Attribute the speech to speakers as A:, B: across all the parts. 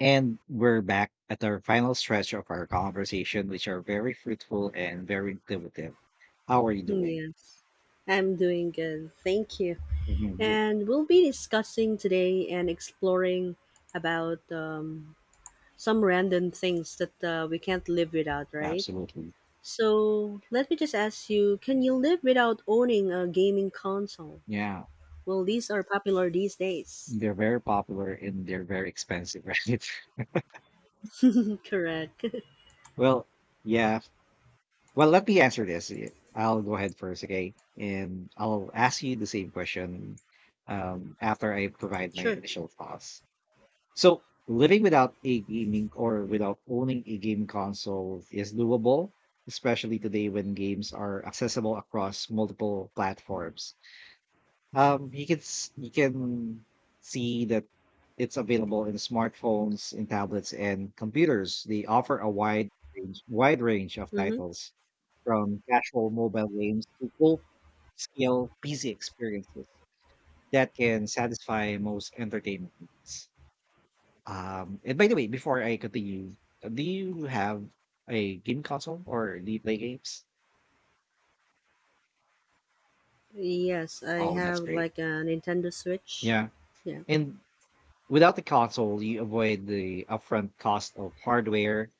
A: And we're back at our final stretch of our conversation, which are very fruitful and very intuitive. How are you doing?
B: Yes, I'm doing good. Thank you.
A: Mhm.
B: And we'll be discussing today and exploring about some random things that we can't live without, right?
A: Absolutely.
B: So let me just ask you: can you live without owning a gaming console?
A: Yeah.
B: Well, these are popular these days.
A: They're very popular and they're very expensive, right?
B: Correct.
A: Well, yeah. Well, let me answer this. Yeah, I'll go ahead first, okay? And I'll ask you the same question after I provide my
B: Sure.
A: initial thoughts. So living without a gaming or without owning a game console is doable, especially today when games are accessible across multiple platforms. You can see that it's available in smartphones, in tablets, and computers. They offer a wide range of
B: Mm-hmm.
A: titles from casual mobile games to full scale PC experiences that can satisfy most entertainment needs. And by the way, before I continue, do you have a game console or do you play games?
B: Yes, I
A: Oh, that's
B: have
A: great.
B: like a Nintendo Switch.
A: Yeah.
B: Yeah.
A: And without the console, you avoid the upfront cost of hardware,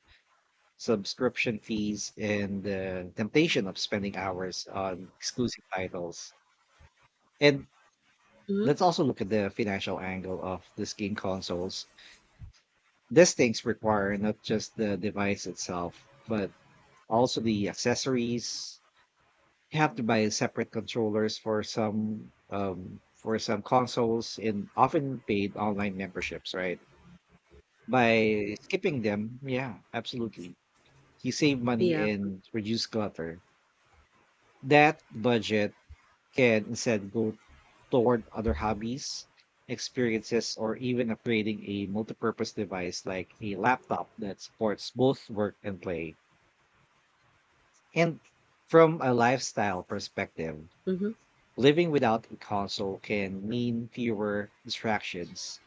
A: subscription fees, and the temptation of spending hours on exclusive titles. And
B: Mm-hmm.
A: let's also look at the financial angle of these game consoles. These things require not just the device itself, but also the accessories. You have to buy separate controllers for some consoles and often paid online memberships, right? By skipping them, yeah, absolutely, you save money
B: Yeah.
A: and reduce clutter. That budget can instead go toward other hobbies, experiences, or even upgrading a multipurpose device like a laptop that supports both work and play. And from a lifestyle perspective,
B: Mm-hmm.
A: living without a console can mean fewer distractions.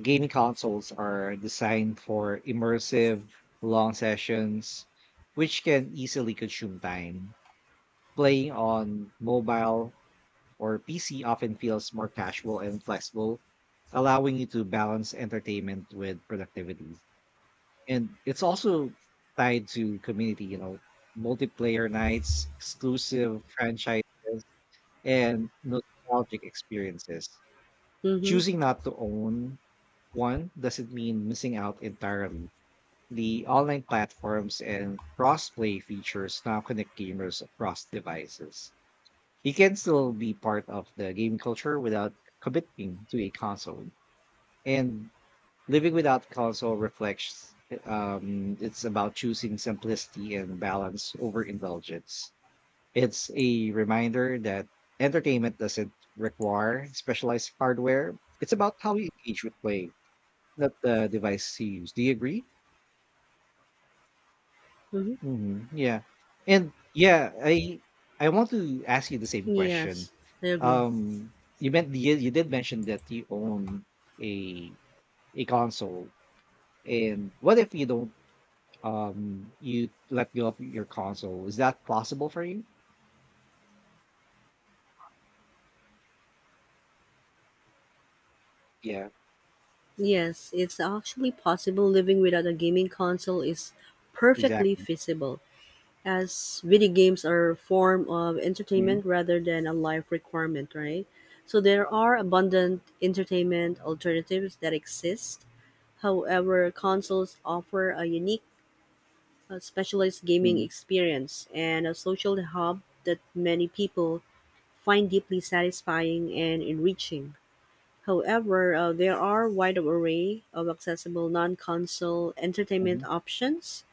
A: Gaming consoles are designed for immersive, long sessions, which can easily consume time. Playing on mobile or PC often feels more casual and flexible, allowing you to balance entertainment with productivity. And it's also tied to community, multiplayer nights, exclusive franchises, and nostalgic experiences.
B: Mm-hmm.
A: Choosing not to own one doesn't mean missing out entirely. The online platforms and crossplay features now connect gamers across devices. You can still be part of the gaming culture without committing to a console. And living without console reflects it's about choosing simplicity and balance over indulgence. It's a reminder that entertainment doesn't require specialized hardware. It's about how you engage with play, not the device you use. Do you agree?
B: Mm-hmm.
A: Yeah, and yeah, I want to ask you the same question.
B: Yes, I agree.
A: You meant you did mention that you own a a console, and what if you don't. You let go of your console. Is that possible for you? Yeah.
B: Yes, it's actually possible. Living without a gaming console is perfectly
A: Exactly.
B: feasible, as video games are a form of
A: Mhm,
B: entertainment rather than a life requirement, right? So there are abundant entertainment alternatives that exist. However, consoles offer a unique, specialized gaming
A: mhm,
B: experience and a social hub that many people find deeply satisfying and enriching. However, there are wide array of accessible non-console entertainment
A: mhm,
B: options.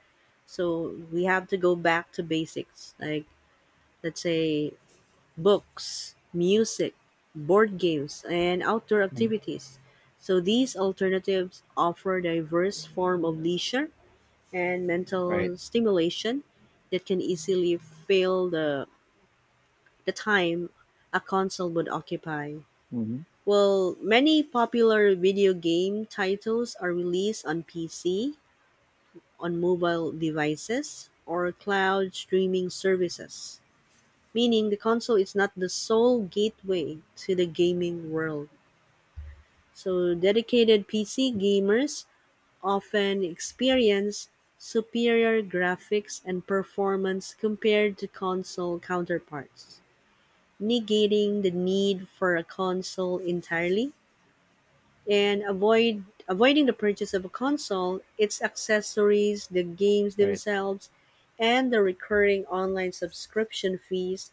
B: So we have to go back to basics, like let's say books, music, board games, and outdoor
A: mhm.
B: activities. So these alternatives offer diverse form of leisure and
A: Right.
B: mental stimulation that can easily fill the time a console would occupy.
A: Mhm,
B: Well, many popular video game titles are released on PC, on mobile devices, or cloud streaming services, meaning the console is not the sole gateway to the gaming world. So, dedicated PC
A: mm,
B: gamers often experience superior graphics and performance compared to console counterparts, negating the need for a console entirely, and avoiding the purchase of a console, its accessories, the games
A: right,
B: themselves, and the recurring online subscription fees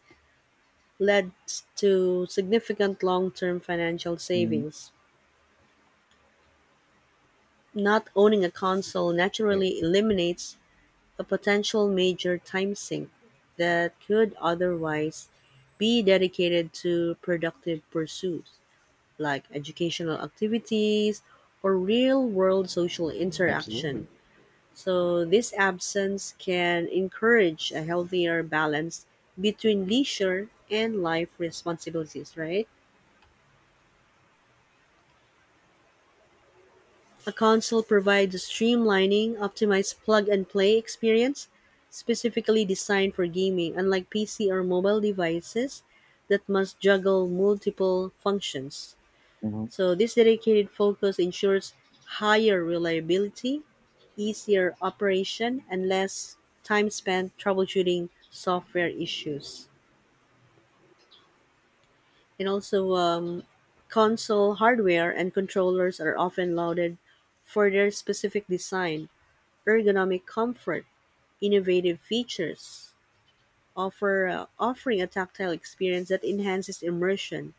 B: led to significant long-term financial
A: mhm,
B: savings. Not owning a console
A: right.
B: naturally eliminates a potential major time sink that could otherwise be dedicated to productive pursuits like educational activities or real world social
A: Absolutely.
B: interaction. So, this absence can encourage a healthier balance between leisure and life responsibilities, right? A console provides a streamlining, optimized plug and play experience specifically designed for gaming, unlike PC or mobile devices that must juggle multiple functions.
A: Mhm,
B: So, this dedicated focus ensures higher reliability, easier operation, and less time spent troubleshooting software issues. And also, console hardware and controllers are often lauded for their specific design, ergonomic comfort, innovative features, offering a tactile experience that enhances immersion.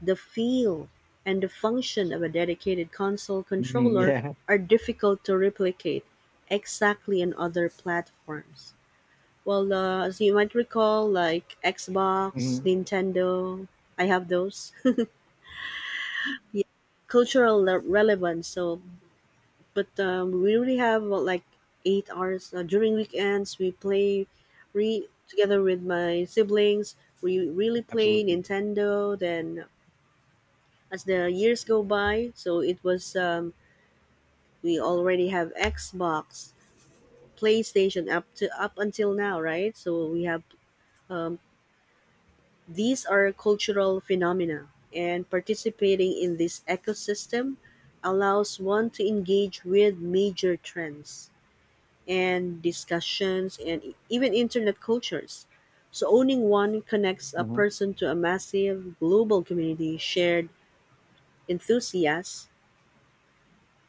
B: The feel and the function of a dedicated console
A: mhm,
B: controller
A: yeah,
B: are difficult to replicate exactly on other platforms. Well, as you might recall, like Xbox,
A: mhm,
B: Nintendo, I have those. Yeah, relevance. So, but we really have well, like 8 hours during weekends. We play re together with my siblings. We really play
A: absolutely.
B: Nintendo. Then as the years go by, so it was we already have Xbox, PlayStation up until now, right? So we have um, these are cultural phenomena, and participating in this ecosystem allows one to engage with major trends and discussions and even internet cultures. So, owning one connects a
A: Mhm,
B: person to a massive global community shared enthusiasts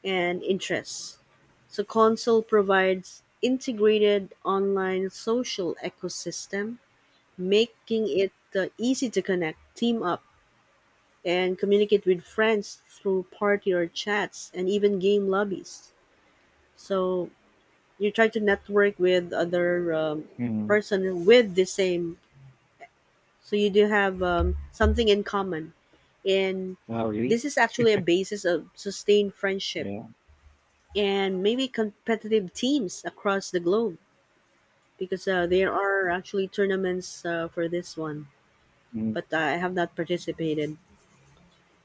B: and interests. So, console provides integrated online social ecosystem, making it easy to connect, team up, and communicate with friends through party or chats and even game lobbies. So you try to network with other
A: mhm.
B: person with the same. So you do have something in common, and
A: Oh, really?
B: this is actually a basis of sustained friendship
A: Yeah,
B: and maybe competitive teams across the globe because there are actually tournaments for this one,
A: mhm,
B: but I have not participated.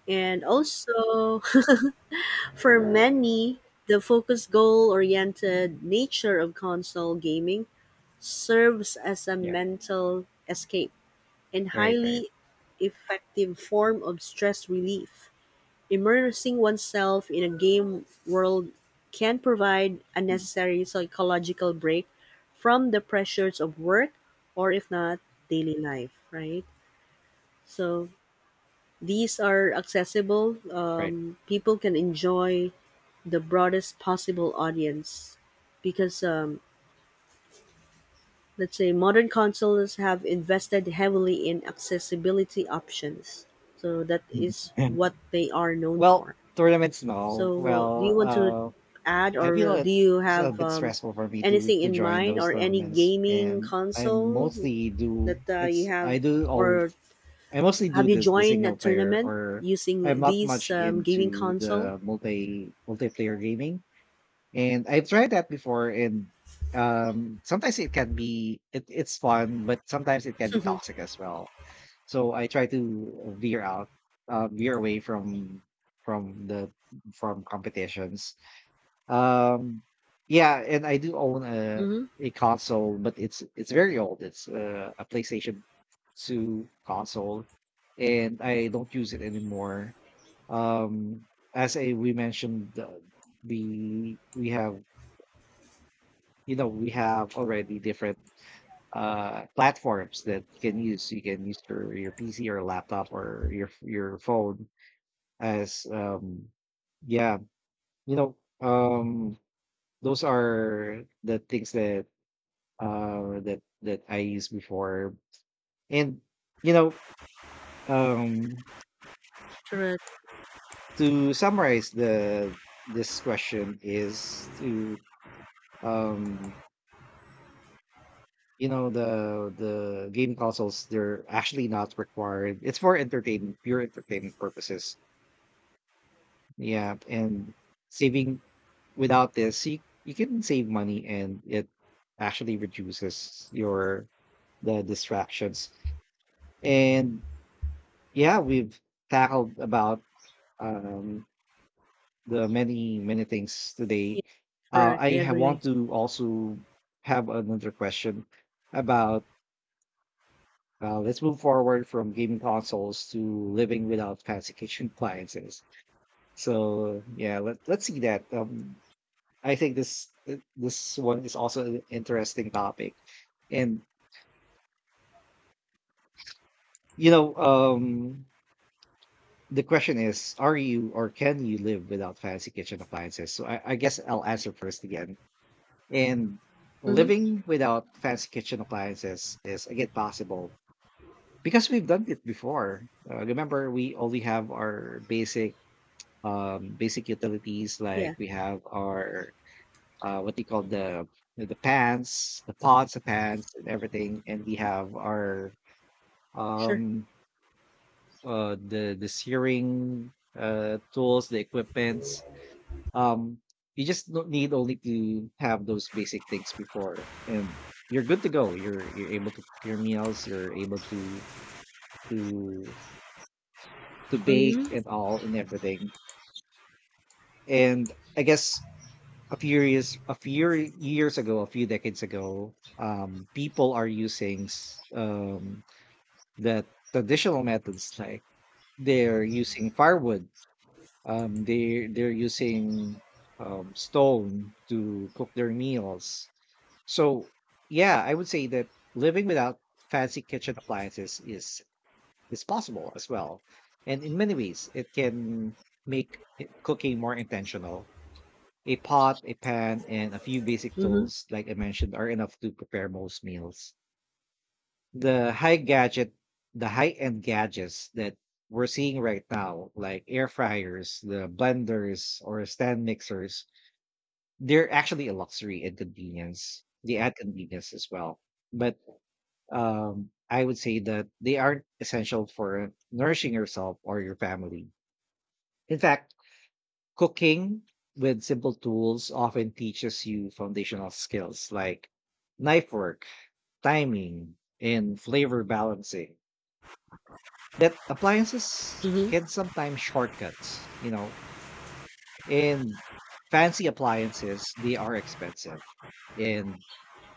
B: And also, for many, the focused goal-oriented nature of console gaming serves as a
A: yeah.
B: mental escape and
A: Right, right.
B: highly effective form of stress relief. Immersing oneself in a game world can provide a
A: Mm.
B: necessary psychological break from the pressures of work or if not daily life, right? So these are accessible,
A: Right.
B: people can enjoy the broadest possible audience because let's say modern consoles have invested heavily in accessibility options. So that is what they are known
A: Well,
B: for.
A: tournaments, no.
B: So do you
A: Well,
B: want to
A: uh
B: add
A: I
B: or
A: feel
B: do you
A: it's a
B: have
A: bit stressful for me to
B: anything in
A: join
B: mind
A: those
B: or any
A: tournaments,
B: gaming
A: and I
B: console
A: mostly do
B: that you
A: it's I
B: have,
A: do all
B: or
A: I mostly do
B: have you
A: this the
B: joined a
A: single player,
B: tournament
A: or I'm
B: using
A: not much
B: these gaming
A: into
B: console?
A: the multiplayer gaming, and I've tried that before, and sometimes it can be, it's fun, but sometimes it can be toxic as well. So I try to veer out, veer away from the from competitions. um, yeah, and I do own a
B: Mhm.
A: console, but it's very old. It's a PlayStation 2 console, and I don't use it anymore. Um, as I we mentioned, we have we have already different platforms that you can use. You can use your PC or laptop or your phone as yeah you know um those are the things that I used before. And you know, um
B: Correct.
A: to summarize, the this question is to um the game consoles, they're actually not required. It's for entertainment, pure entertainment purposes. Yeah, and saving, without this you can save money and it actually reduces your the distractions. And yeah, we've tackled about um, the many things
B: Yeah,
A: today.
B: correct. I agree.
A: Want to also have another question about. Let's move forward from gaming consoles to living without fancy kitchen appliances. So yeah, let's see that. I think this one is also an interesting topic, and you know, um, the question is, are you or can you live without fancy kitchen appliances? So I guess I'll answer first again. And
B: Mhm.
A: living without fancy kitchen appliances is again possible because we've done it before. Remember, we only have our basic utilities like
B: Yeah.
A: we have our what do you call the pans, the pots, the pans, and everything, and we have our
B: Sure.
A: um the searing tools, the equipments. Um, you just don't need only to have those basic things before, and you're good to go. You're able to cook your meals. You're able to to bake
B: Mhm.
A: and all and everything. And I guess a few years ago, a few decades ago, people are using the traditional methods like they're using firewood. They're using stone to cook their meals. So yeah, I would say that living without fancy kitchen appliances is possible as well, and in many ways it can cooking more intentional. A pot, a pan, and a few basic
B: Mhm.
A: tools like I mentioned are enough to prepare most meals. The high gadget the high end gadgets that we're seeing right now, like air fryers, the blenders, or stand mixers, they're actually a luxury and convenience. They add convenience as well, but I would say that they aren't essential for nourishing yourself or your family. In fact, cooking with simple tools often teaches you foundational skills like knife work, timing, and flavor balancing that appliances
B: Mhm.
A: can sometimes shortcuts, you know, And fancy appliances, they are expensive, and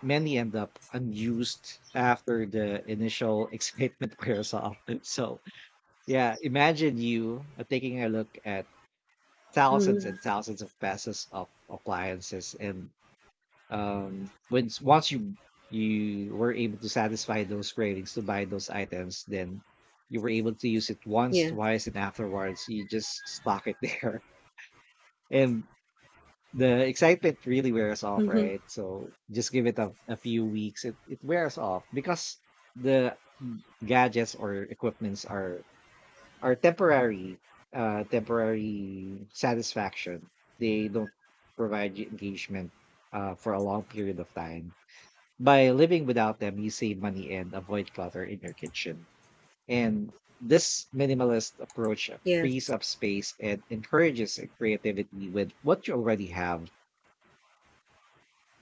A: many end up unused after the initial excitement wears off. So yeah, imagine you taking a look at thousands
B: Mhm.
A: and thousands of pesos of appliances, and once you you were able to satisfy those cravings to buy those items, then you were able to use it once,
B: Yes.
A: twice, and afterwards you just stock it there. And the excitement really wears off,
B: Mhm.
A: right? So just give it a few weeks. It wears off because the gadgets or equipments are temporary, temporary satisfaction. They don't provide you engagement for a long period of time. By living without them, you save money and avoid clutter in your kitchen. And this minimalist approach frees
B: Yes.
A: up space and encourages creativity with what you already have.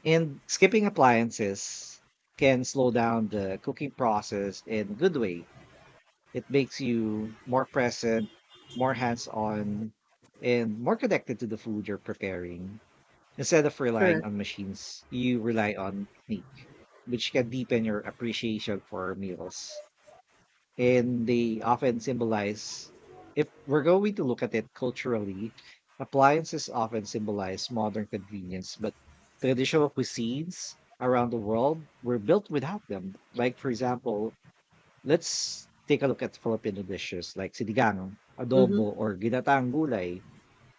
A: And skipping appliances can slow down the cooking process in a good way. It makes you more present, more hands on, and more connected to the food you're preparing. Instead of relying
B: Correct.
A: on machines, you rely on technique which can deepen your appreciation for meals. And they often symbolize, if we're going to look at it culturally, appliances often symbolize modern convenience, but traditional cuisines around the world were built without them. Like, for example, let's take a look at Filipino dishes like sinigang,
B: Mhm.
A: adobo, or ginataang gulay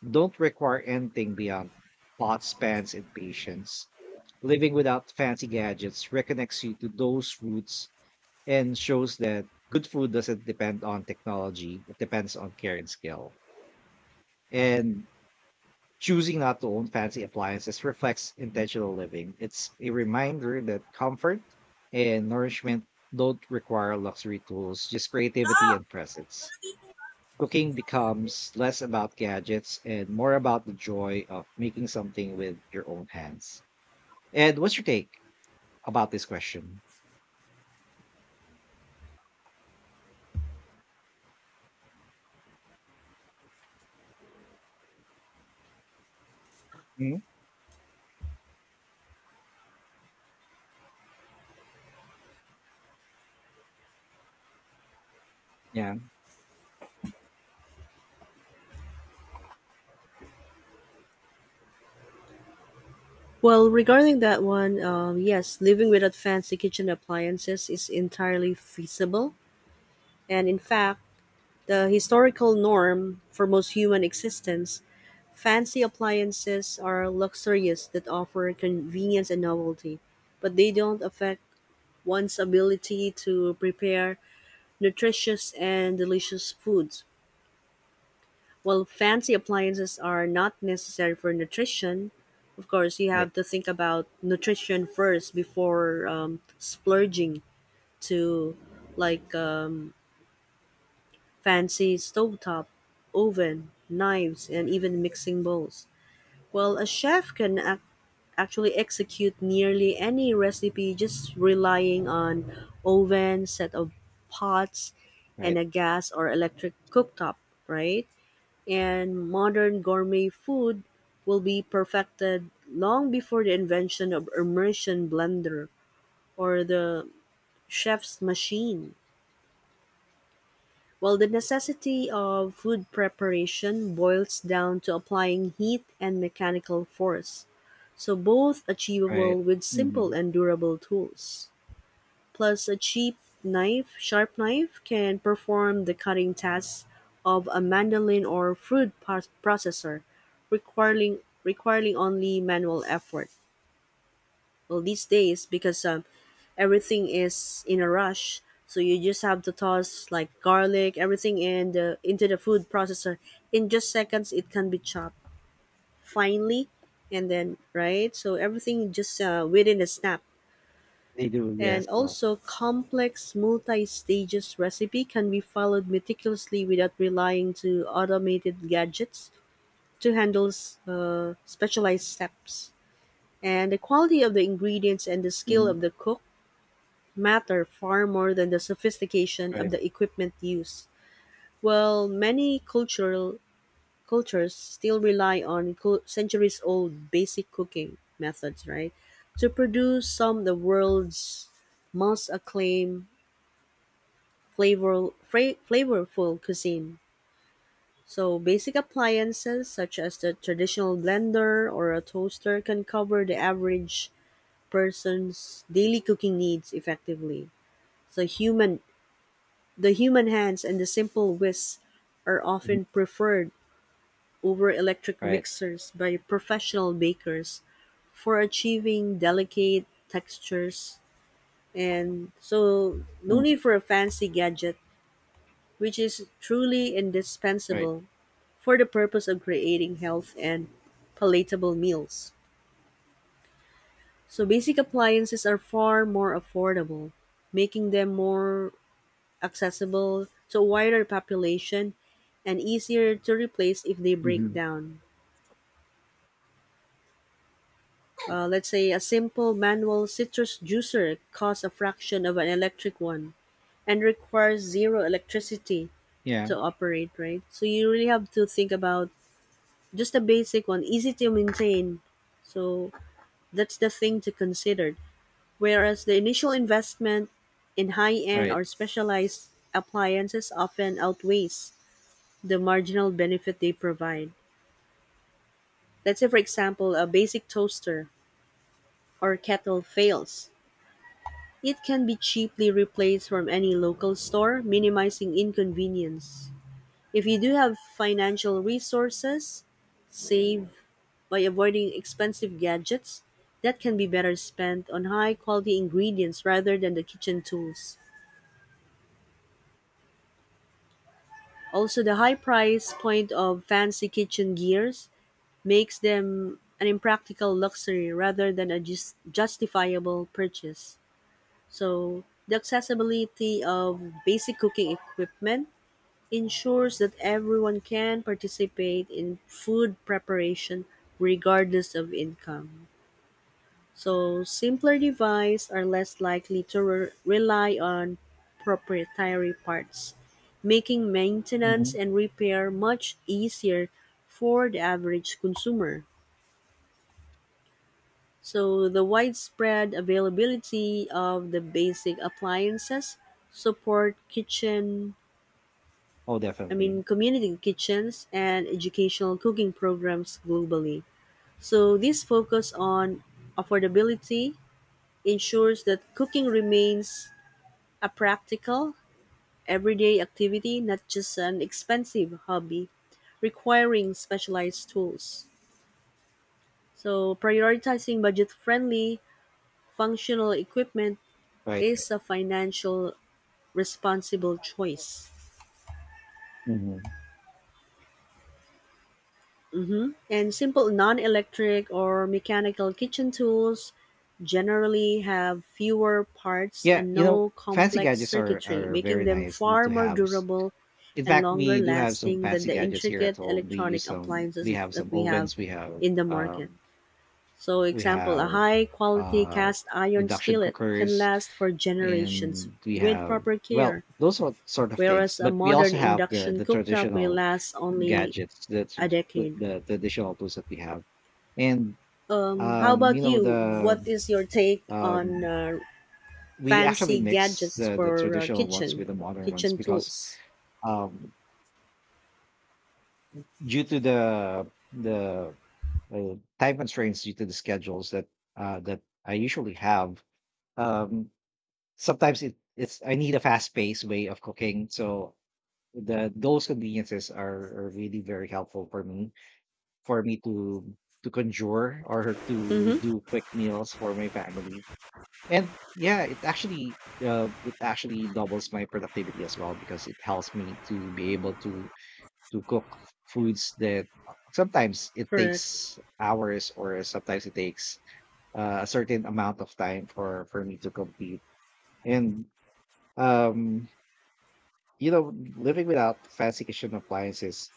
A: don't require anything beyond pots, spans, and patience. Living without fancy gadgets reconnects you to those roots and shows that good food doesn't depend on technology, it depends on care and skill. And choosing not to own fancy appliances reflects intentional living. It's a reminder that comfort and nourishment don't require luxury tools, just creativity and presence. Cooking becomes less about gadgets and more about the joy of making something with your own hands. And what's your take about this question? hmm Yeah.
B: Well, regarding that one, yes, living without fancy kitchen appliances is entirely feasible, and in fact, the historical norm for most human existence. Fancy appliances are luxurious that offer convenience and novelty, but they don't affect one's ability to prepare nutritious and delicious foods. While fancy appliances are not necessary for nutrition, of course, you
A: Right,
B: have to think about nutrition first before splurging to like fancy stovetop, oven, knives, and even mixing bowls. Well, a chef can actually execute nearly any recipe just relying on oven, set of pots, and
A: right,
B: a gas or electric cooktop, right? And modern gourmet food will be perfected long before the invention of immersion blender or the chef's machine. While the necessity of food preparation boils down to applying heat and mechanical force, so both achievable
A: right.
B: with
A: Hmm.
B: simple and durable tools. Plus a cheap knife, sharp knife can perform the cutting tasks of a mandolin or processor, requiring requiring only manual effort. Well, these days because everything is in a rush, so you just have to toss like garlic, everything in the into the food processor. In just seconds, it can be chopped finely, and then right. So everything just within a snap.
A: They do, yes.
B: And
A: Oh.
B: also, complex multi-stages recipe can be followed meticulously without relying to automated gadgets to handle specialized steps. And the quality of the ingredients and the skill
A: Hmm.
B: of the cook matter far more than the sophistication of
A: Right,
B: the equipment used. While many cultural cultures still rely on centuries-old basic cooking methods, right, to produce some of the world's most acclaimed flavorful cuisine. So basic appliances such as the traditional blender or a toaster can cover the average person's daily cooking needs effectively. So human the human hands and the simple whisk are
A: mhm,
B: often preferred over electric
A: right,
B: mixers by professional bakers for achieving delicate textures, and so no need
A: hmm,
B: for a fancy gadget which is truly
A: right.
B: indispensable for the purpose of creating health and palatable meals. So basic appliances are far more affordable, making them more accessible to a wider population and easier to replace if they break
A: Hmm.
B: down. Let's say a simple manual citrus juicer costs a fraction of an electric one and requires zero electricity
A: Yeah,
B: to operate, right? So you really have to think about just a basic one, easy to maintain. So that's the thing to consider. Whereas the initial investment in high-end
A: right.
B: or specialized appliances often outweighs the marginal benefit they provide. Let's say, for example, a basic toaster or kettle fails. It can be cheaply replaced from any local store, minimizing inconvenience. If you do have financial resources, save by avoiding expensive gadgets that can be better spent on high quality ingredients rather than the kitchen tools. Also, the high price point of fancy kitchen gears makes them an impractical luxury rather than a justifiable purchase. So, the accessibility of basic cooking equipment ensures that everyone can participate in food preparation regardless of income. So simpler devices are less likely to rely on proprietary parts, making maintenance
A: Hmm.
B: and repair much easier for the average consumer. So the widespread availability of the basic appliances support kitchen,
A: Oh,
B: I
A: definitely.
B: mean, community kitchens and educational cooking programs globally. So this focus on affordability ensures that cooking remains a practical, everyday activity, not just an expensive hobby requiring specialized tools. So, prioritizing budget friendly, functional equipment
A: Right, right.
B: is a financial responsible choice.
A: Hmm.
B: Mhm. And simple non electric or mechanical kitchen tools generally have fewer parts
A: Yeah,
B: and
A: you know,
B: no
A: fancy
B: complex
A: gadgets are
B: circuitry, making
A: very
B: them
A: nice
B: far
A: to
B: more
A: have.
B: durable
A: In
B: and
A: fact,
B: longer
A: we do have some
B: lasting than
A: fancy
B: the
A: gadgets here at
B: intricate
A: home. We use
B: electronic
A: some. We
B: appliances
A: have
B: that
A: some
B: we have
A: ovens. We have
B: in the market.
A: um.
B: So,
A: We
B: example, a
A: have
B: high quality
A: uh
B: cast iron
A: induction
B: skillet can
A: cookers,
B: last for generations
A: and we
B: with
A: have
B: proper care,
A: well those sort of things.
B: whereas a
A: But we
B: modern
A: also have the
B: induction
A: the
B: cooktop may
A: traditional
B: last only
A: gadgets, the
B: a
A: tr-
B: decade.
A: the, traditional tools that we have, and
B: How
A: you
B: about
A: know
B: you?
A: the
B: What is your take on
A: um we actually
B: fancy
A: mix
B: gadgets
A: the
B: for
A: traditional ones with the modern ones
B: kitchen
A: because
B: tools?
A: um due to the time constraints, due to the schedules that that I usually have. Um, Sometimes it, it's I need a fast paced way of cooking, so the those conveniences are really very helpful for me, for me to conjure or to
B: Mm-hmm.
A: do quick meals for my family. And yeah, it actually doubles my productivity as well, because it helps me to be able to cook foods that sometimes it
B: Correct.
A: takes hours, or sometimes it takes a certain amount of time for me to complete. And um living without fancy kitchen appliances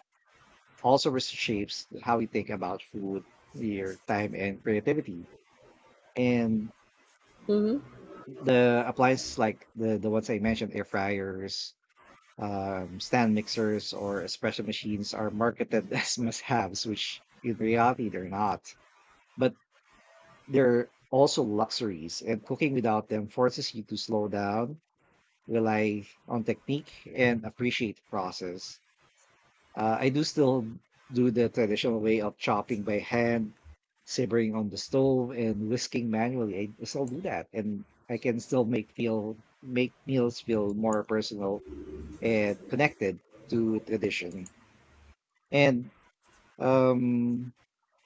A: also reshapes how we think about food, your time and creativity. And
B: Mm-hmm.
A: the appliances like the ones I mentioned, air fryers, stand mixers or espresso machines are marketed as must-haves, which in reality they're not. But there are also luxuries, and cooking without them forces you to slow down, rely on technique, and appreciate the process. I do still do the traditional way of chopping by hand, simmering on the stove, and whisking manually. I still do that, and I can still make meals feel more personal and connected to tradition. And um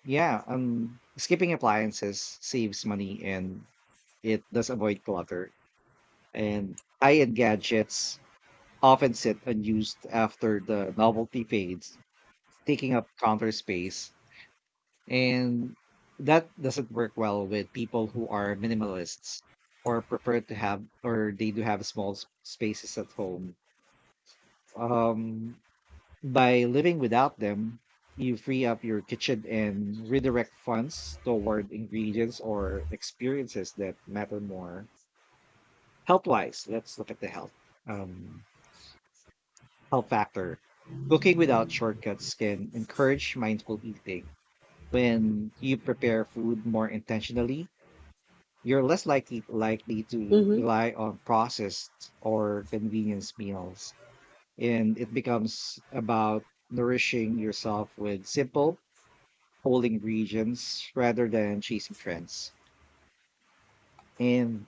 A: yeah, skipping appliances saves money and it does avoid clutter. And high-end gadgets often sit unused after the novelty fades, taking up counter space. And that doesn't work well with people who are minimalists or prefer to have, or they do have small spaces at home. Um, By living without them, you free up your kitchen and redirect funds toward ingredients or experiences that matter more. Health wise, let's look at the um, health factor. Cooking without shortcuts can encourage mindful eating. When you prepare food more intentionally, you're less likely likely to
B: Mm-hmm.
A: rely on processed or convenience meals, and it becomes about nourishing yourself with simple holding regions rather than chasing trends. And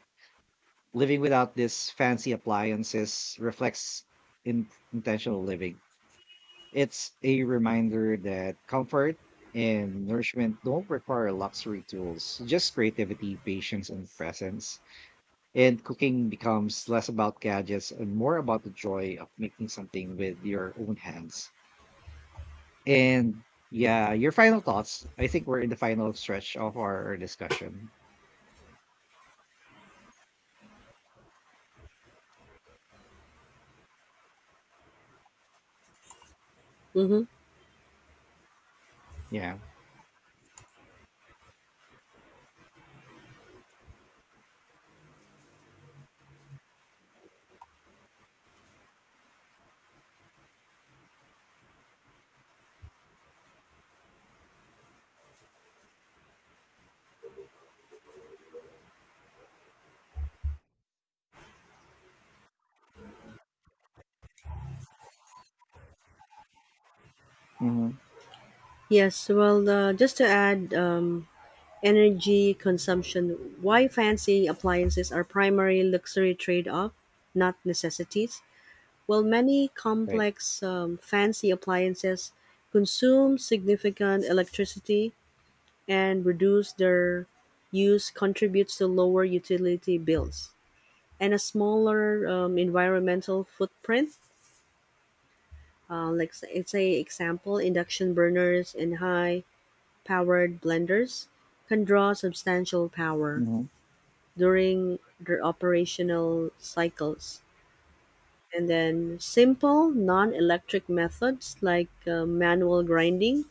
A: living without these fancy appliances reflects in intentional living. It's a reminder that comfort and nourishment don't require luxury tools, just creativity, patience, and presence. And cooking becomes less about gadgets and more about the joy of making something with your own hands. And yeah, your final thoughts. I think we're in the final stretch of our discussion.
B: Mm-hmm.
A: Yeah. Mhm.
B: Yes, well, just to add energy consumption, why fancy appliances are primary luxury trade off, not necessities? Well, many
A: Right.
B: complex fancy appliances consume significant electricity and reduce their use contributes to lower utility bills and a smaller environmental footprint. Like, say, it's a example, induction burners and high powered blenders can draw substantial power
A: Mhm.
B: during their operational cycles. And then simple non electric methods like manual grinding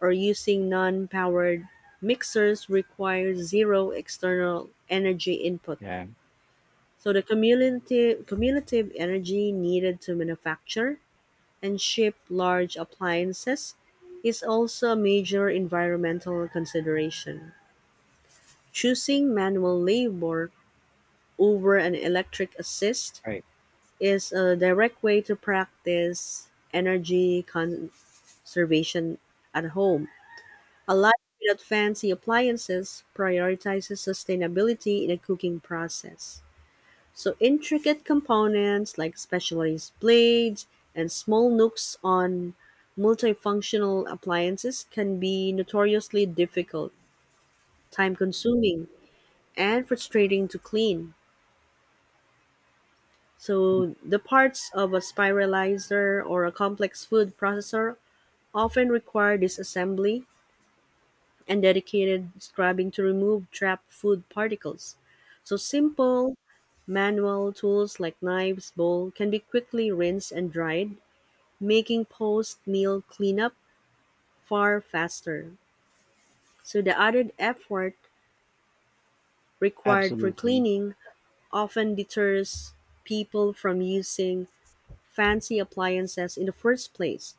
B: or using non powered mixers require zero external energy input.
A: Yeah,
B: So the cumulative energy needed to manufacture and ship large appliances is also a major environmental consideration. Choosing manual labor over an electric assist
A: right.
B: is a direct way to practice energy conservation at home. A life without fancy appliances prioritizes sustainability in the cooking process. So, intricate components like specialized blades and small nooks on multifunctional appliances can be notoriously difficult, time consuming, and frustrating to clean.
A: Mm,
B: So, the parts of a spiralizer or a complex food processor often require disassembly and dedicated scrubbing to remove trapped food particles. So, simple manual tools like knives, bowl can be quickly rinsed and dried, making post meal cleanup far faster. So, the added effort required for
A: absolutely.
B: cleaning often deters people from using fancy appliances in the first place.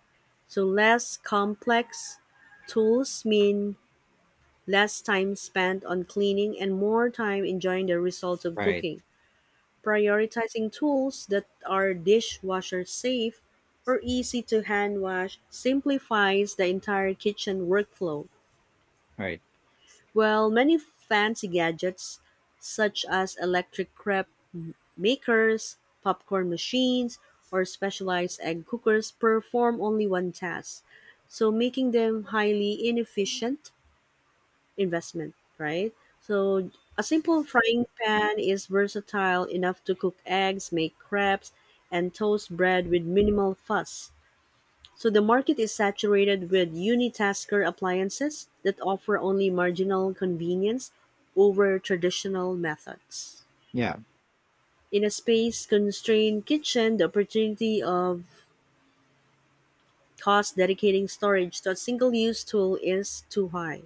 B: So less complex tools mean less time spent on cleaning and more time enjoying the results of
A: Right,
B: cooking. Prioritizing tools that are dishwasher safe or easy to hand wash simplifies the entire kitchen workflow.
A: right.
B: Well, many fancy gadgets such as electric crepe makers, popcorn machines, or specialized egg cookers perform only one task, so making them highly inefficient investment, right? So a simple frying pan is versatile enough to cook eggs, make crepes, and toast bread with minimal fuss. So the market is saturated with unitasker appliances that offer only marginal convenience over traditional methods.
A: Yeah,
B: In a space constrained kitchen, the opportunity of cost dedicating storage to a single use tool is too high.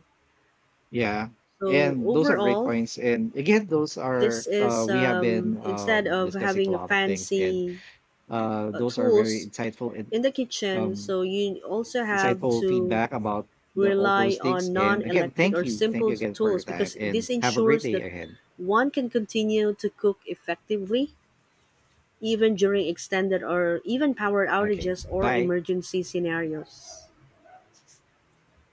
A: yeah.
B: So
A: And those are great
B: overall,
A: points. And again, those are
B: this is
A: we have been
B: instead of
A: discussing a
B: having a
A: lot of things, and
B: fancy
A: those are very
B: tools
A: insightful and
B: in the kitchen,
A: um,
B: so you also have
A: insightful
B: to
A: feedback about the all
B: rely
A: those things.
B: on
A: And again,
B: non-electric or
A: thank you
B: simple
A: again for your
B: tools
A: time,
B: because
A: and
B: this
A: have a great
B: ensures
A: day
B: that
A: ahead.
B: one can continue to cook effectively even during extended or even power
A: Okay.
B: outages or
A: Bye.
B: emergency scenarios.